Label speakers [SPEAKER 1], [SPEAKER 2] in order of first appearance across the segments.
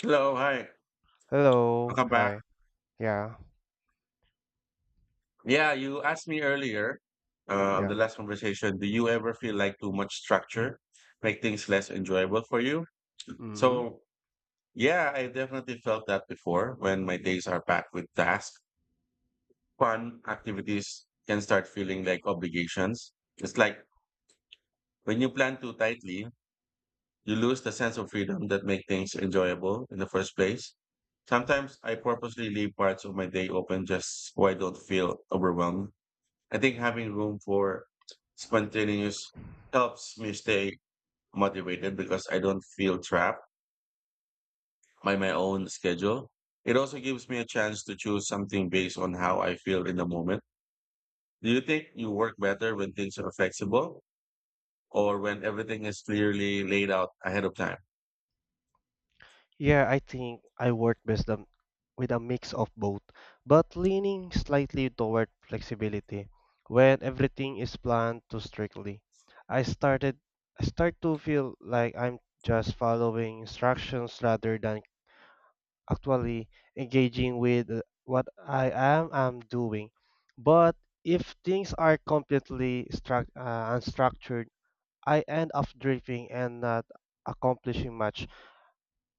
[SPEAKER 1] Hello, hi.
[SPEAKER 2] Hello.
[SPEAKER 1] Welcome back.
[SPEAKER 2] Hi. Yeah.
[SPEAKER 1] Yeah, you asked me earlier, on
[SPEAKER 2] Yeah.
[SPEAKER 1] the last conversation, do you ever feel like too much structure make things less enjoyable for you?
[SPEAKER 2] Hmm.
[SPEAKER 1] So, yeah, I definitely felt that before. When my days are packed with tasks, fun activities can start feeling like obligations. It's like when you plan too tightly, you lose the sense of freedom that make things enjoyable in the first place. Sometimes I purposely leave parts of my day open just so I don't feel overwhelmed. I think having room for spontaneous helps me stay motivated because I don't feel trapped by my own schedule. It also gives me a chance to choose something based on how I feel in the moment. Do you think you work better when things are flexible or when everything is clearly laid out ahead of time?
[SPEAKER 2] Yeah, I think I work best with a mix of both, but leaning slightly toward flexibility when everything is planned too strictly. I started I start to feel like I'm just following instructions rather than actually engaging with what I am doing. But if things are completely struct unstructured, I end up drifting and not accomplishing much.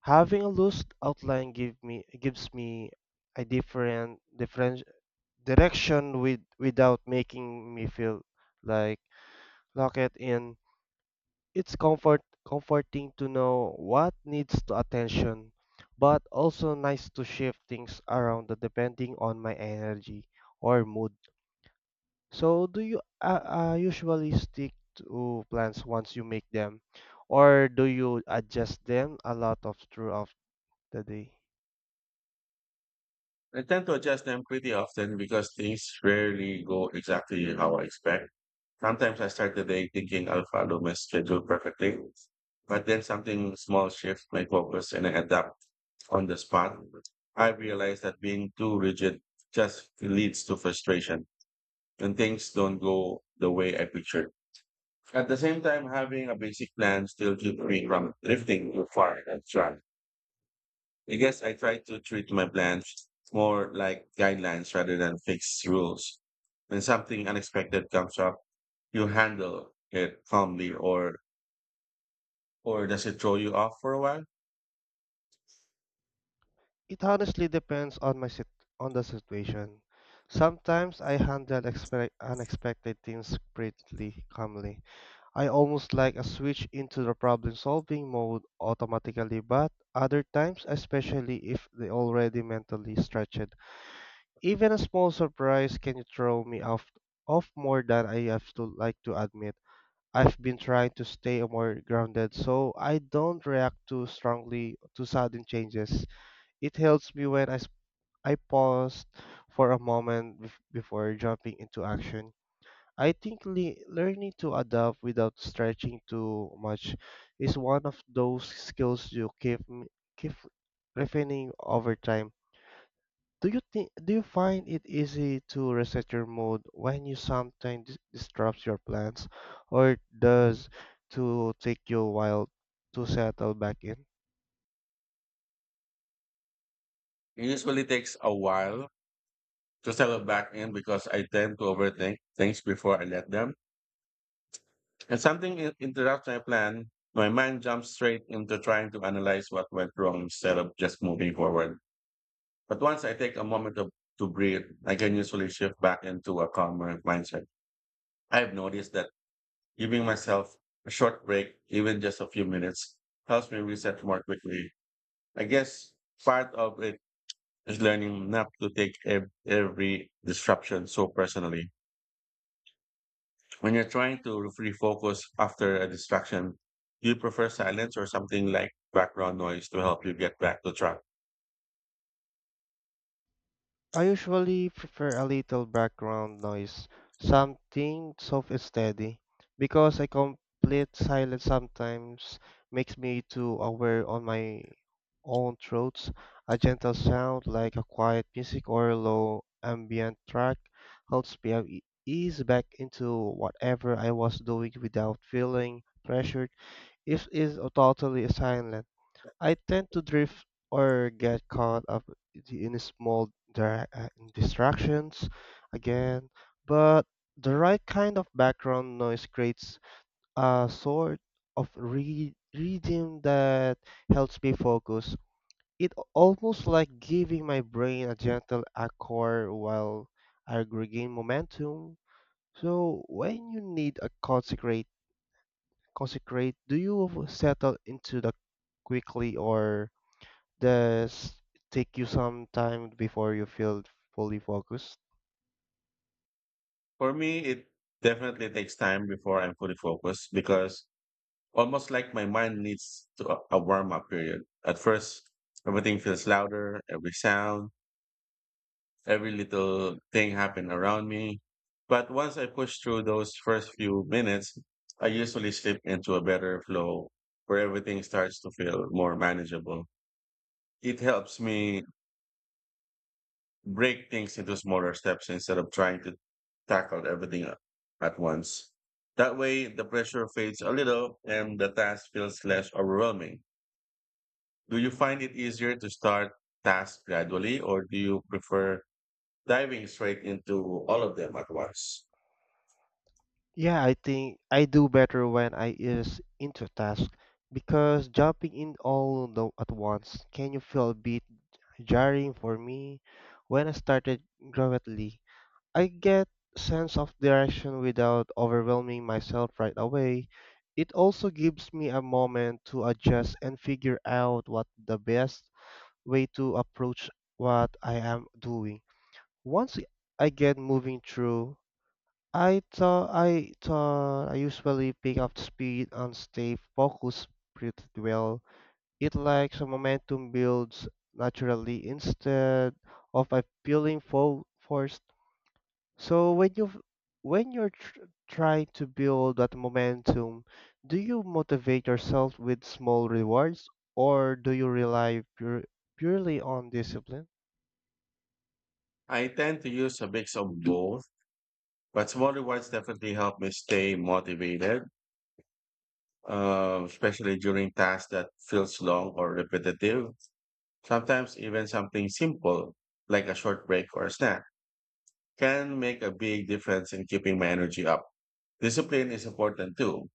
[SPEAKER 2] Having a loose outline gives me a different direction without making me feel like locked in. It's comforting to know what needs to attention, but also nice to shift things around depending on my energy or mood. So do you usually stick to plans once you make them, or do you adjust them a lot of throughout the day?
[SPEAKER 1] I tend to adjust them pretty often because things rarely go exactly how I expect. Sometimes I start the day thinking I'll follow my schedule perfectly, but then something small shifts my focus and I adapt on the spot. I realize that being too rigid just leads to frustration and things don't go the way I pictured. At the same time, having a basic plan still keeps me from drifting too far and track. I guess I try to treat my plans more like guidelines rather than fixed rules. When something unexpected comes up, you handle it calmly or does it throw you off for a while?
[SPEAKER 2] It honestly depends on the situation. Sometimes I handle expect unexpected things pretty calmly. I almost like a switch into the problem-solving mode automatically, but other times, especially if they already mentally stretched, even a small surprise can throw me off more than I have to like to admit. I've been trying to stay more grounded so I don't react too strongly to sudden changes. It helps me when I pause for a moment before jumping into action. I think learning to adapt without stretching too much is one of those skills you keep refining over time. Do you find it easy to reset your mood when you sometimes disrupts your plans, or does to take you a while to settle back in?
[SPEAKER 1] It usually takes a while to settle back in because I tend to overthink things before I let them. And something interrupts my plan, my mind jumps straight into trying to analyze what went wrong instead of just moving forward. But once I take a moment to breathe, I can usually shift back into a calmer mindset. I've noticed that giving myself a short break, even just a few minutes, helps me reset more quickly. I guess part of it is learning not to take every disruption so personally. When you're trying to refocus after a distraction, do you prefer silence or something like background noise to help you get back to track?
[SPEAKER 2] I usually prefer a little background noise, something soft and steady, because a complete silence sometimes makes me too aware on my own throats. A gentle sound like a quiet music or a low ambient track helps me ease back into whatever I was doing without feeling pressured. If it is totally silent, I tend to drift or get caught up in small distractions again, but the right kind of background noise creates a sort of rhythm that helps me focus. It almost like giving my brain a gentle accord while I regain momentum. So when you need a consecrate, do you settle into the quickly or does it take you some time before you feel fully focused?
[SPEAKER 1] For me, it definitely takes time before I'm fully focused because almost like my mind needs to a warm up period. At first, everything feels louder, every sound, every little thing happened around me. But once I push through those first few minutes, I usually slip into a better flow where everything starts to feel more manageable. It helps me break things into smaller steps instead of trying to tackle everything at once. That way, the pressure fades a little and the task feels less overwhelming. Do you find it easier to start tasks gradually, or do you prefer diving straight into all of them at once?
[SPEAKER 2] Yeah, I think I do better when I is into task because jumping in all the, at once can you feel a bit jarring for me when I started gradually. I get sense of direction without overwhelming myself right away. It also gives me a moment to adjust and figure out what the best way to approach what I am doing. Once I get moving through, I usually pick up speed and stay focused pretty well. It like some momentum builds naturally instead of a feeling fo forced. So when you're tr trying to build that momentum, do you motivate yourself with small rewards or do you rely purely on discipline?
[SPEAKER 1] I tend to use a mix of both, but small rewards definitely help me stay motivated, especially during tasks that feels long or repetitive. Sometimes even something simple like a short break or a snack can make a big difference in keeping my energy up. Discipline is important too,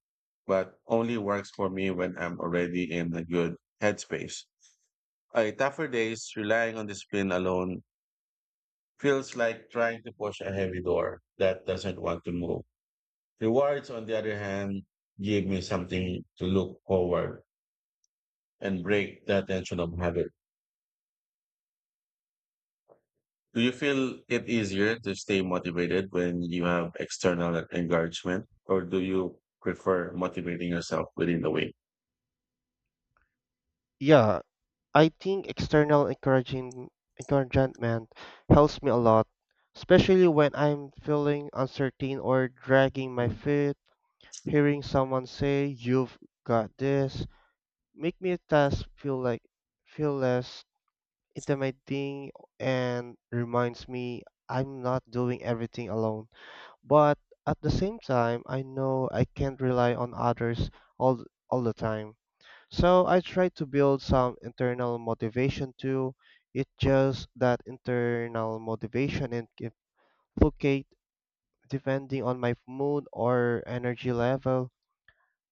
[SPEAKER 1] but only works for me when I'm already in a good headspace. Tougher days, relying on discipline alone feels like trying to push a heavy door that doesn't want to move. Rewards, on the other hand, give me something to look forward and break the tension of habit. Do you feel it easier to stay motivated when you have external encouragement, or do you prefer motivating yourself within the week?
[SPEAKER 2] Yeah, I think external encouraging encouragement helps me a lot, especially when I'm feeling uncertain or dragging my feet. Hearing someone say you've got this make me task feel less intimidating and reminds me I'm not doing everything alone. But at the same time, I know I can't rely on others all all the time. So I try to build some internal motivation too. It's just that internal motivation and can fluctuate depending on my mood or energy level.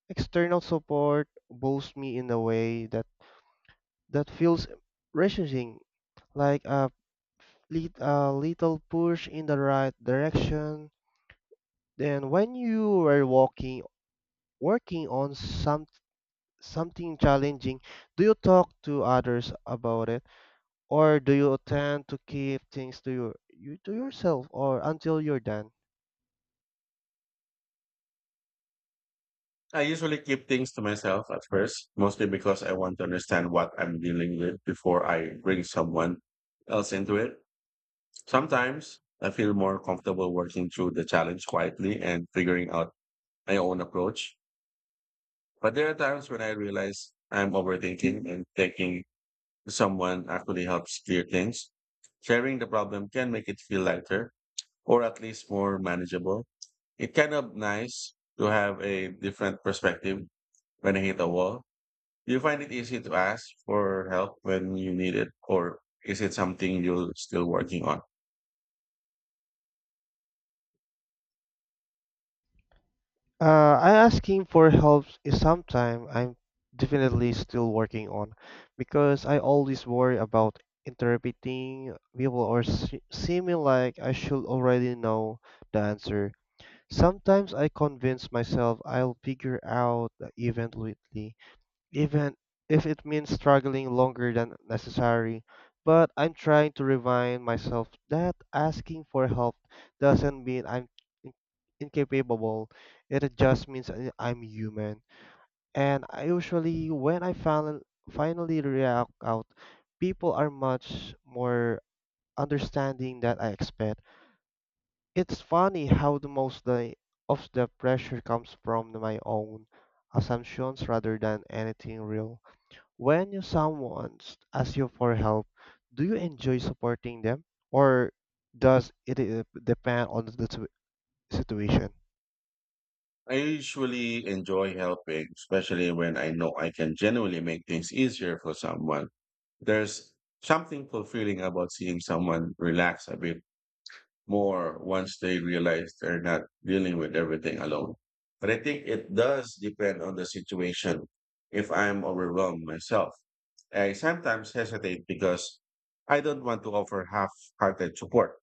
[SPEAKER 2] External support boosts me in a way that feels refreshing, like a little push in the right direction. Then when you working on some something challenging, do you talk to others about it? Or do you tend to keep things to your you to yourself or until you're done?
[SPEAKER 1] I usually keep things to myself at first, mostly because I want to understand what I'm dealing with before I bring someone else into it. Sometimes I feel more comfortable working through the challenge quietly and figuring out my own approach. But there are times when I realize I'm overthinking and thinking someone actually helps clear things. Sharing the problem can make it feel lighter or at least more manageable. It's kind of nice to have a different perspective when I hit a wall. Do you find it easy to ask for help when you need it, or is it something you're still working on?
[SPEAKER 2] I asking for help is something I'm definitely still working on because I always worry about interpreting people or seeming like I should already know the answer. Sometimes I convince myself I'll figure out the event lately, even if it means struggling longer than necessary. But I'm trying to remind myself that asking for help doesn't mean I'm in- incapable. It just means I'm human. And I usually, when I finally react out, people are much more understanding than I expect. It's funny how the most of the pressure comes from my own assumptions rather than anything real. When you someone asks you for help, do you enjoy supporting them or does it depend on the situation?
[SPEAKER 1] I usually enjoy helping, especially when I know I can genuinely make things easier for someone. There's something fulfilling about seeing someone relax a bit more once they realize they're not dealing with everything alone. But I think it does depend on the situation. If I'm overwhelmed myself, I sometimes hesitate because I don't want to offer half hearted support.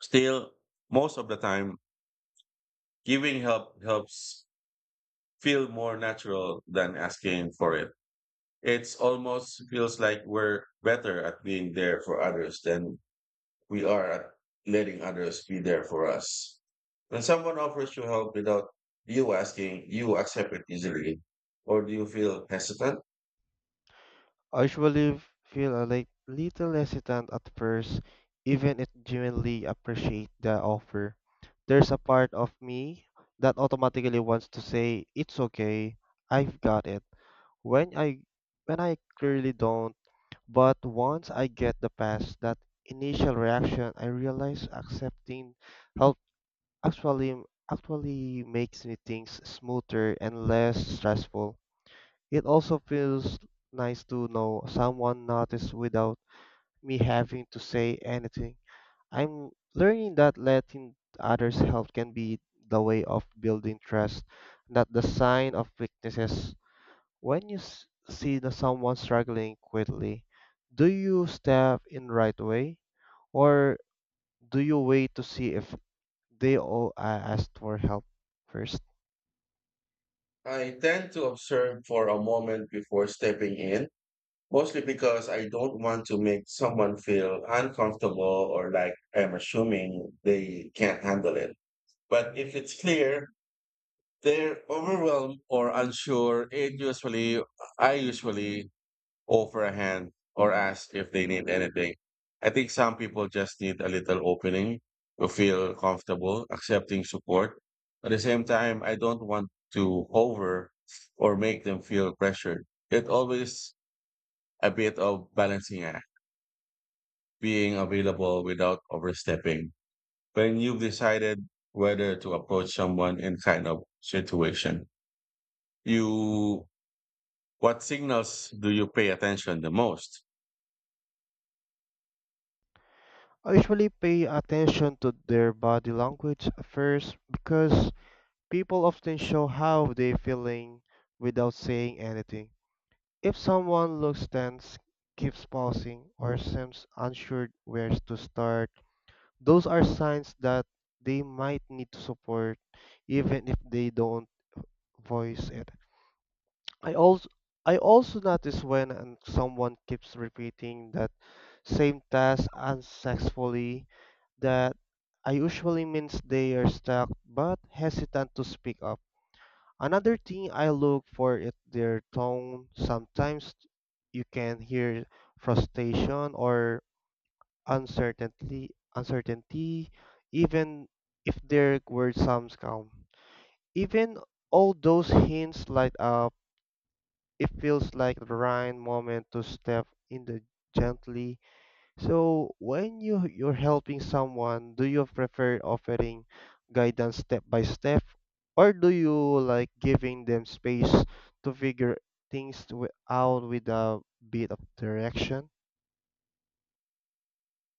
[SPEAKER 1] Still, most of the time, giving help helps feel more natural than asking for it. It's almost feels like we're better at being there for others than we are at letting others be there for us. When someone offers you help without you asking, you accept it easily, or do you feel hesitant?
[SPEAKER 2] I usually feel a little hesitant at first, even if genuinely appreciate the offer. There's a part of me that automatically wants to say, "It's okay, I've got it." When I when I clearly don't. But once I get the past that initial reaction, I realize accepting help actually actually makes me things smoother and less stressful. It also feels nice to know someone noticed without me having to say anything. I'm learning that letting others help can be the way of building trust, not the sign of weaknesses. When you see the someone struggling quickly, do you step in right away or do you wait to see if they all asked for help first?
[SPEAKER 1] I tend to observe for a moment before stepping in, mostly because I don't want to make someone feel uncomfortable or like I'm assuming they can't handle it. But if it's clear they're overwhelmed or unsure, it usually I usually offer a hand or ask if they need anything. I think some people just need a little opening to feel comfortable accepting support. At the same time, I don't want to over or make them feel pressured. It's always a bit of balancing act, being available without overstepping. When you've decided whether to approach someone in kind of situation, you what signals do you pay attention the most?
[SPEAKER 2] I usually pay attention to their body language first because people often show how they're feeling without saying anything. If someone looks tense, keeps pausing, or seems unsure where to start, those are signs that they might need to support even if they don't voice it. I also I also notice when someone keeps repeating that same task unsuccessfully, that I usually means they are stuck but hesitant to speak up. Another thing I look for is their tone. Sometimes you can hear frustration or uncertainty, uncertainty, even if there were some calm. Even all those hints light up, it feels like the right moment to step in the gently. So when you're helping someone, do you prefer offering guidance step by step, or do you like giving them space to figure things out with a bit of direction?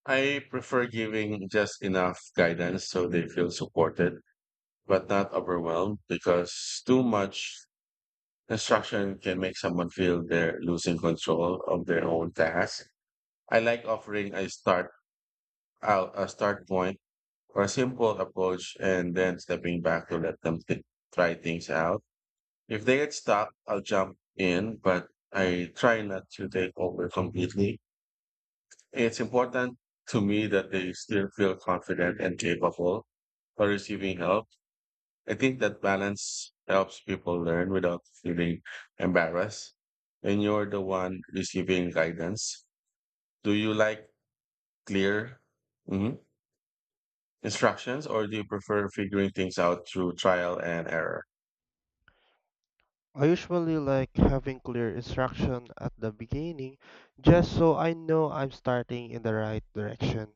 [SPEAKER 1] I prefer giving just enough guidance so they feel supported, but not overwhelmed because too much instruction can make someone feel they're losing control of their own task. I like offering a start point or a simple approach and then stepping back to let them try things out. If they get stuck, I'll jump in, but I try not to take over completely. It's important to me that they still feel confident and capable for receiving help. I think that balance helps people learn without feeling embarrassed. When you're the one receiving guidance, do you like clear mhm, instructions or do you prefer figuring things out through trial and error?
[SPEAKER 2] I usually like having clear instruction at the beginning just so I know I'm starting in the right direction.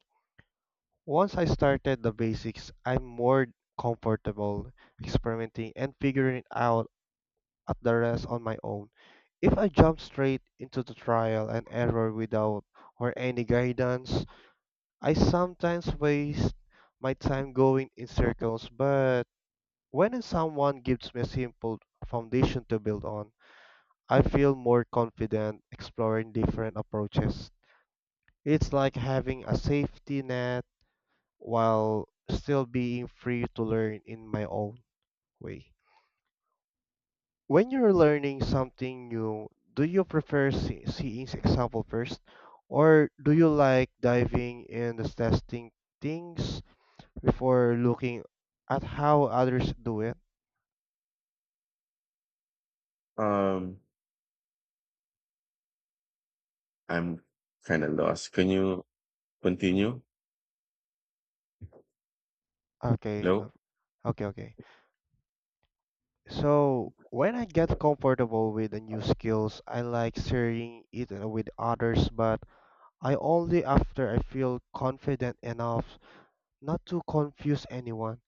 [SPEAKER 2] Once I started the basics, I'm more comfortable experimenting and figuring out at the rest on my own. If I jump straight into the trial and error without or any guidance, I sometimes waste my time going in circles, but when someone gives me a simple foundation to build on, I feel more confident exploring different approaches. It's like having a safety net while still being free to learn in my own way. When you're learning something new, do you prefer seeing example first or do you like diving in testing things before looking at how others do it?
[SPEAKER 1] Um, I'm kind of lost. Can you continue?
[SPEAKER 2] Okay,
[SPEAKER 1] Hello?
[SPEAKER 2] no- okay, okay. So when I get comfortable with the new skills, I like sharing it with others, but I only after I feel confident enough not to confuse anyone.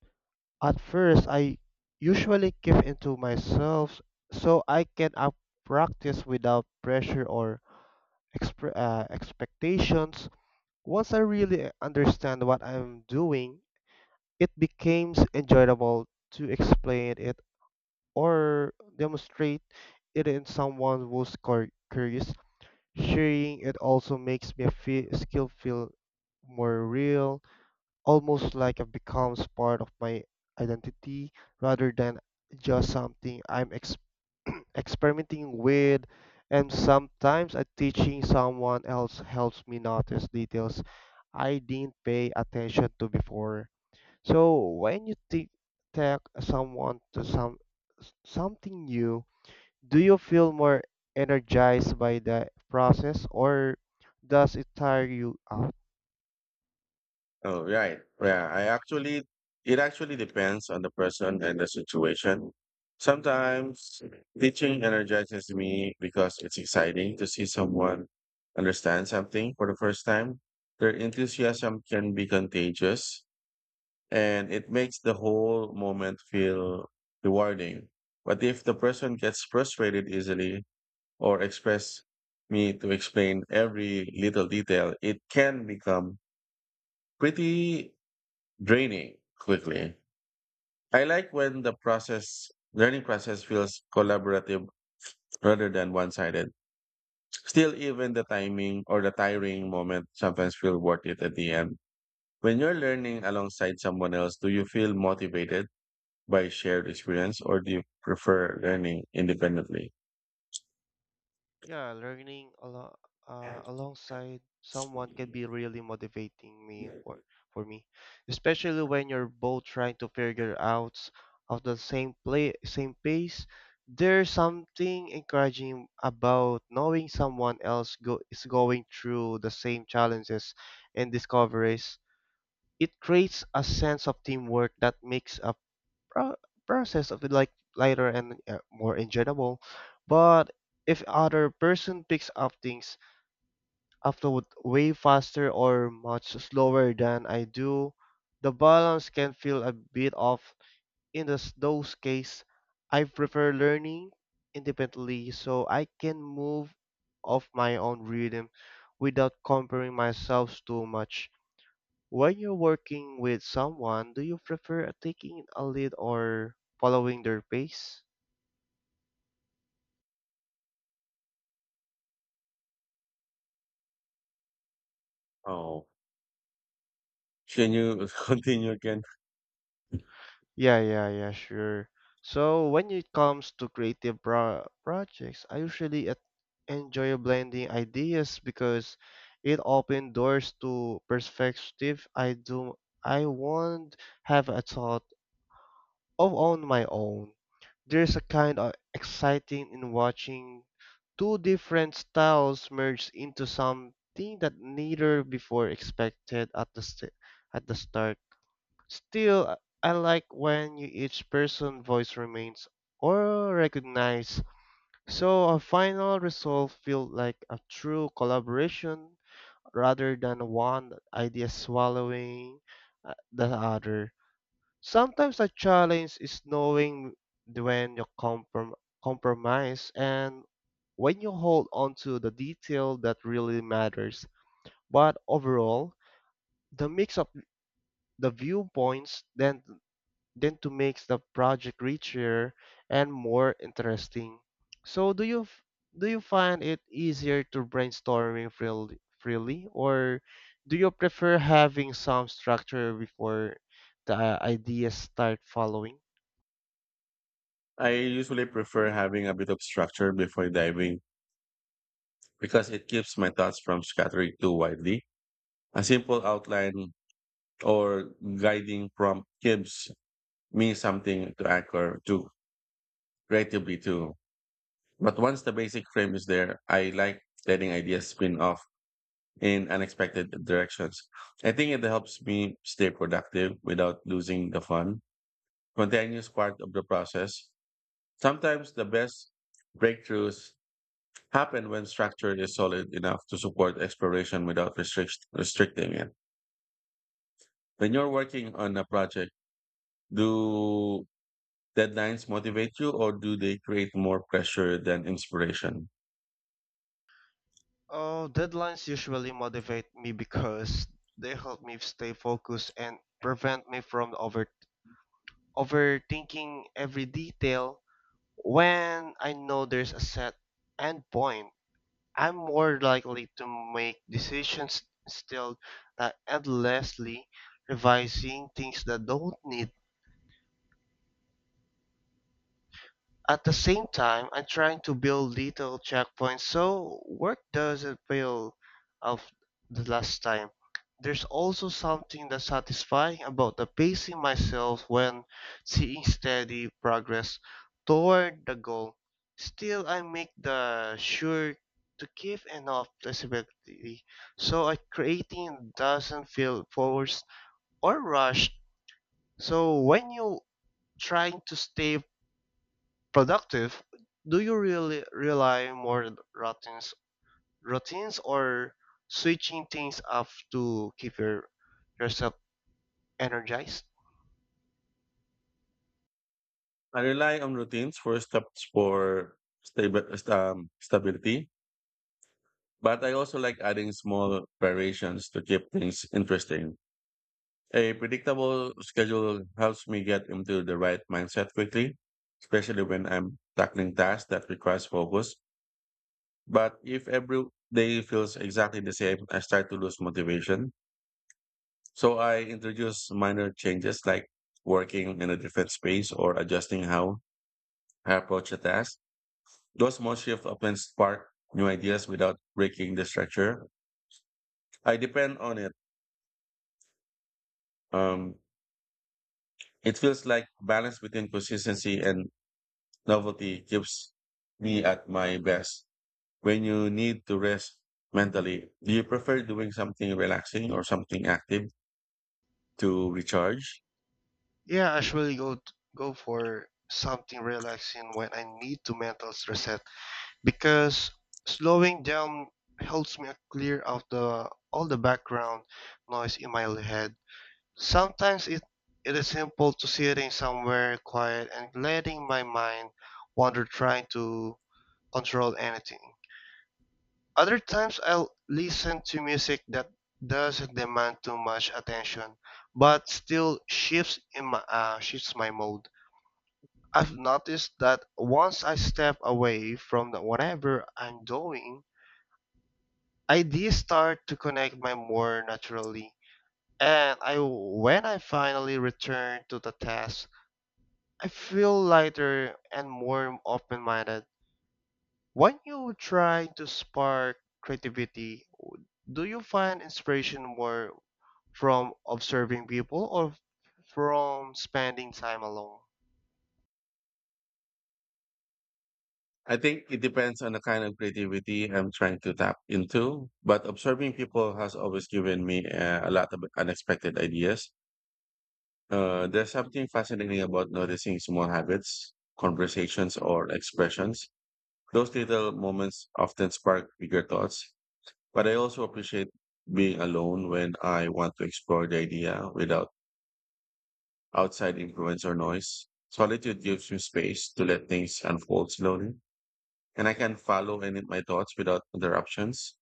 [SPEAKER 2] At first, I usually keep into myself so I can up practice without pressure or expectations. Once I really understand what I'm doing, it becomes enjoyable to explain it or demonstrate it in someone who's curious. Sharing it also makes me feel, skill feel more real, almost like it becomes part of my identity rather than just something I'm experimenting with. And sometimes teaching someone else helps me notice details I didn't pay attention to before. So when you take someone to some something new, do you feel more energized by the process or does it tire you out?
[SPEAKER 1] Oh, right. Yeah, it actually depends on the person and the situation. Sometimes teaching energizes me because it's exciting to see someone understand something for the first time. Their enthusiasm can be contagious, and it makes the whole moment feel rewarding. But if the person gets frustrated easily or expects me to explain every little detail, it can become pretty draining quickly. I like when the process learning process feels collaborative rather than one-sided. Still, even the timing or the tiring moment sometimes feel worth it at the end. When you're learning alongside someone else, do you feel motivated by shared experience, or do you prefer learning independently?
[SPEAKER 2] Yeah, learning alongside someone can be really motivating me for me, especially when you're both trying to figure out of the same pace. There's something encouraging about knowing someone else go is going through the same challenges and discoveries. It creates a sense of teamwork that makes pro- process of it like lighter and more enjoyable. But if other person picks up things upload way faster or much slower than I do, the balance can feel a bit off. In this, those case, I prefer learning independently so I can move off my own rhythm without comparing myself too much. When you're working with someone, do you prefer taking a lead or following their pace?
[SPEAKER 1] Oh, can you continue again?
[SPEAKER 2] Yeah, yeah, yeah, sure. So when it comes to creative projects, I usually enjoy blending ideas because it opens doors to perspective I won't have a thought of on my own. There's a kind of exciting in watching two different styles merge into something that neither before expected at the at the start. Still, I like when you each person voice remains or recognized, so a final result feels like a true collaboration rather than one idea swallowing the other. Sometimes a challenge is knowing when you compromise and when you hold on to the detail that really matters. But overall, the mix of the viewpoints then to makes the project richer and more interesting. So do you find it easier to brainstorming freely or do you prefer having some structure before the ideas start following?
[SPEAKER 1] I usually prefer having a bit of structure before diving because it keeps my thoughts from scattering too widely. A simple outline or guiding prompt gives me something to anchor to creatively to. But once the basic frame is there, I like letting ideas spin off in unexpected directions. I think it helps me stay productive without losing the fun, continuous part of the process. Sometimes the best breakthroughs happen when structure is solid enough to support exploration without restricting it. When you're working on a project, do deadlines motivate you or do they create more pressure than inspiration?
[SPEAKER 2] Oh, deadlines usually motivate me because they help me stay focused and prevent me from overthinking every detail. When I know there's a set end point, I'm more likely to make decisions still than endlessly revising things that don't need. At the same time, I'm trying to build little checkpoints so work doesn't feel of the last time. There's also something that's satisfying about the pacing myself when seeing steady progress toward the goal. Still, I make the sure to give enough flexibility so I creating doesn't feel forced or rushed. So when you trying to stay productive, do you really rely more on routines or switching things up to keep yourself energized?
[SPEAKER 1] I rely on routines for stable stability, but I also like adding small variations to keep things interesting. A predictable schedule helps me get into the right mindset quickly, especially when I'm tackling tasks that requires focus. But if every day feels exactly the same, I start to lose motivation. So I introduce minor changes like working in a different space or adjusting how I approach a task. Those small shifts often spark new ideas without breaking the structure. I depend on it. Um, it feels like balance between consistency and novelty keeps me at my best. When you need to rest mentally, do you prefer doing something relaxing or something active to recharge?
[SPEAKER 2] Yeah, I usually go for something relaxing when I need to mental reset, because slowing down helps me clear out the all the background noise in my head. Sometimes it is simple to sitting somewhere quiet and letting my mind wander trying to control anything. Other times I'll listen to music that doesn't demand too much attention, but still shifts in my shifts my mood. I've noticed that once I step away from the whatever I'm doing, ideas start to connect my more naturally. And I when I finally return to the task, I feel lighter and more open-minded. When you try to spark creativity, do you find inspiration more from observing people or from spending time alone?
[SPEAKER 1] I think it depends on the kind of creativity I'm trying to tap into, but observing people has always given me a lot of unexpected ideas. There's something fascinating about noticing small habits, conversations, or expressions. Those little moments often spark bigger thoughts, but I also appreciate being alone when I want to explore the idea without outside influence or noise. Solitude gives me space to let things unfold slowly, and I can follow any of my thoughts without interruptions.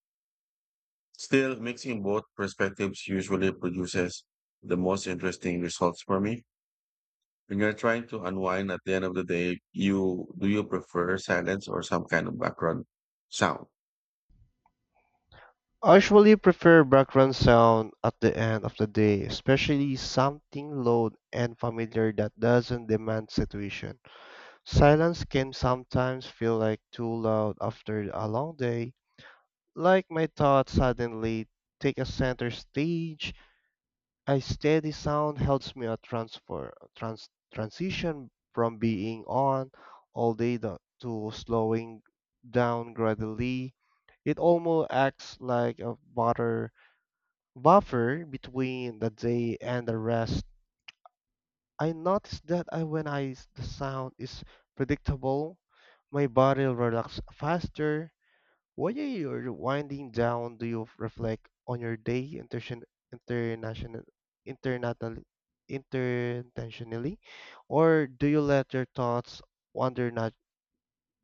[SPEAKER 1] Still, mixing both perspectives usually produces the most interesting results for me. When you're trying to unwind at the end of the day, you do you prefer silence or some kind of background sound?
[SPEAKER 2] I usually prefer background sound at the end of the day, especially something low and familiar that doesn't demand situation. Silence can sometimes feel like too loud after a long day, like my thoughts suddenly take a center stage. A steady sound helps me a transition from being on all day to slowing down gradually. It almost acts like a butter buffer between the day and the rest. I notice that I, the sound is predictable, my body relaxes faster. While you're winding down, do you reflect on your day international, intentionally, or do you let your thoughts wander nat-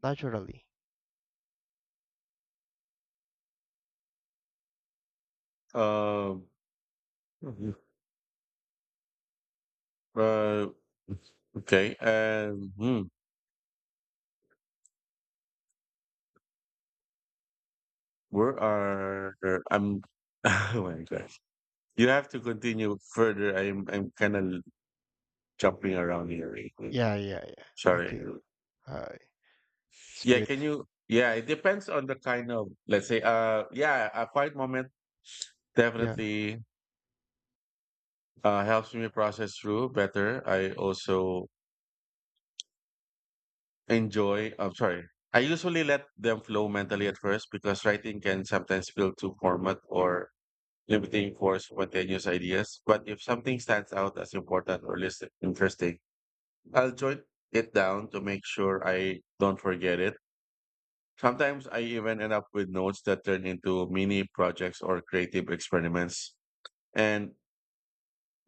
[SPEAKER 2] naturally?
[SPEAKER 1] Um, Mhm. uh, okay. Where are I'm? Oh my gosh! You have to continue further. I'm kind of jumping around here.
[SPEAKER 2] Yeah, yeah, yeah.
[SPEAKER 1] Sorry.
[SPEAKER 2] Okay, alright, it's
[SPEAKER 1] Yeah,
[SPEAKER 2] good.
[SPEAKER 1] can you? Yeah, it depends on the kind let's say, yeah, a quiet moment
[SPEAKER 2] Yeah.
[SPEAKER 1] definitely helps me process through better. I also enjoy, I'm sorry, I usually let them flow mentally at first because writing can sometimes feel too format or limiting for spontaneous ideas. But if something stands out as important or less interesting, I'll jot it down to make sure I don't forget it. Sometimes I even end up with notes that turn into mini projects or creative experiments. And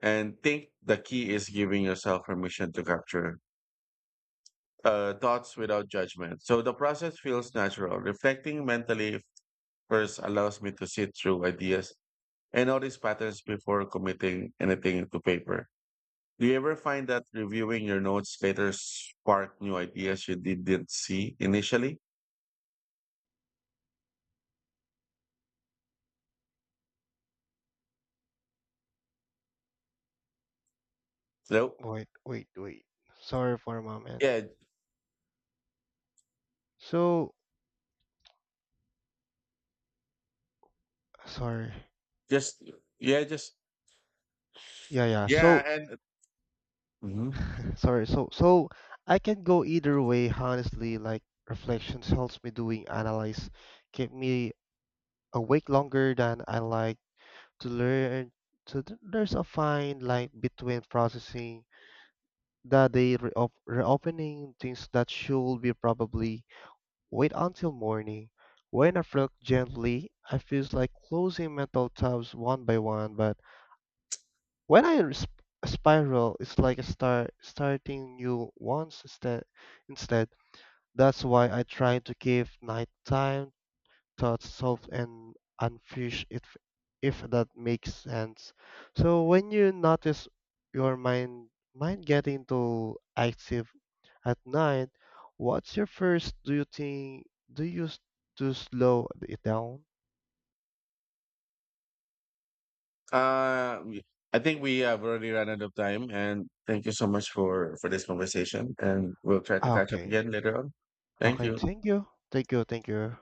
[SPEAKER 1] and think the key is giving yourself permission to capture thoughts without judgment, so the process feels natural. Reflecting mentally first allows me to sit through ideas and notice patterns before committing anything to paper. Do you ever find that reviewing your notes later spark new ideas you didn't see initially? Hello?
[SPEAKER 2] Wait, wait, wait. Sorry for a moment.
[SPEAKER 1] Yeah,
[SPEAKER 2] So, sorry.
[SPEAKER 1] just yeah, just
[SPEAKER 2] Yeah, yeah.
[SPEAKER 1] yeah,
[SPEAKER 2] So,
[SPEAKER 1] and hmm
[SPEAKER 2] sorry. So I can go either way, honestly. Like reflections helps me doing analyze, keep me awake longer than I like to learn. So there's a fine line between processing the day, reopening things that should be probably wait until morning. When I flirt gently, I feels like closing mental tabs one by one. But when I spiral, it's like a starting new ones instead. Instead, that's why I try to give night time thoughts solved and unfinished, if that makes sense. So when you notice your mind getting too active at night, what's your first do you think do you s- to slow it down?
[SPEAKER 1] Uh, we- I think we have already run out of time, and thank you so much for this conversation. And we'll try to
[SPEAKER 2] Ah,
[SPEAKER 1] catch up
[SPEAKER 2] okay.
[SPEAKER 1] again later on. Thank
[SPEAKER 2] Okay,
[SPEAKER 1] you.
[SPEAKER 2] thank you. Thank you, thank you.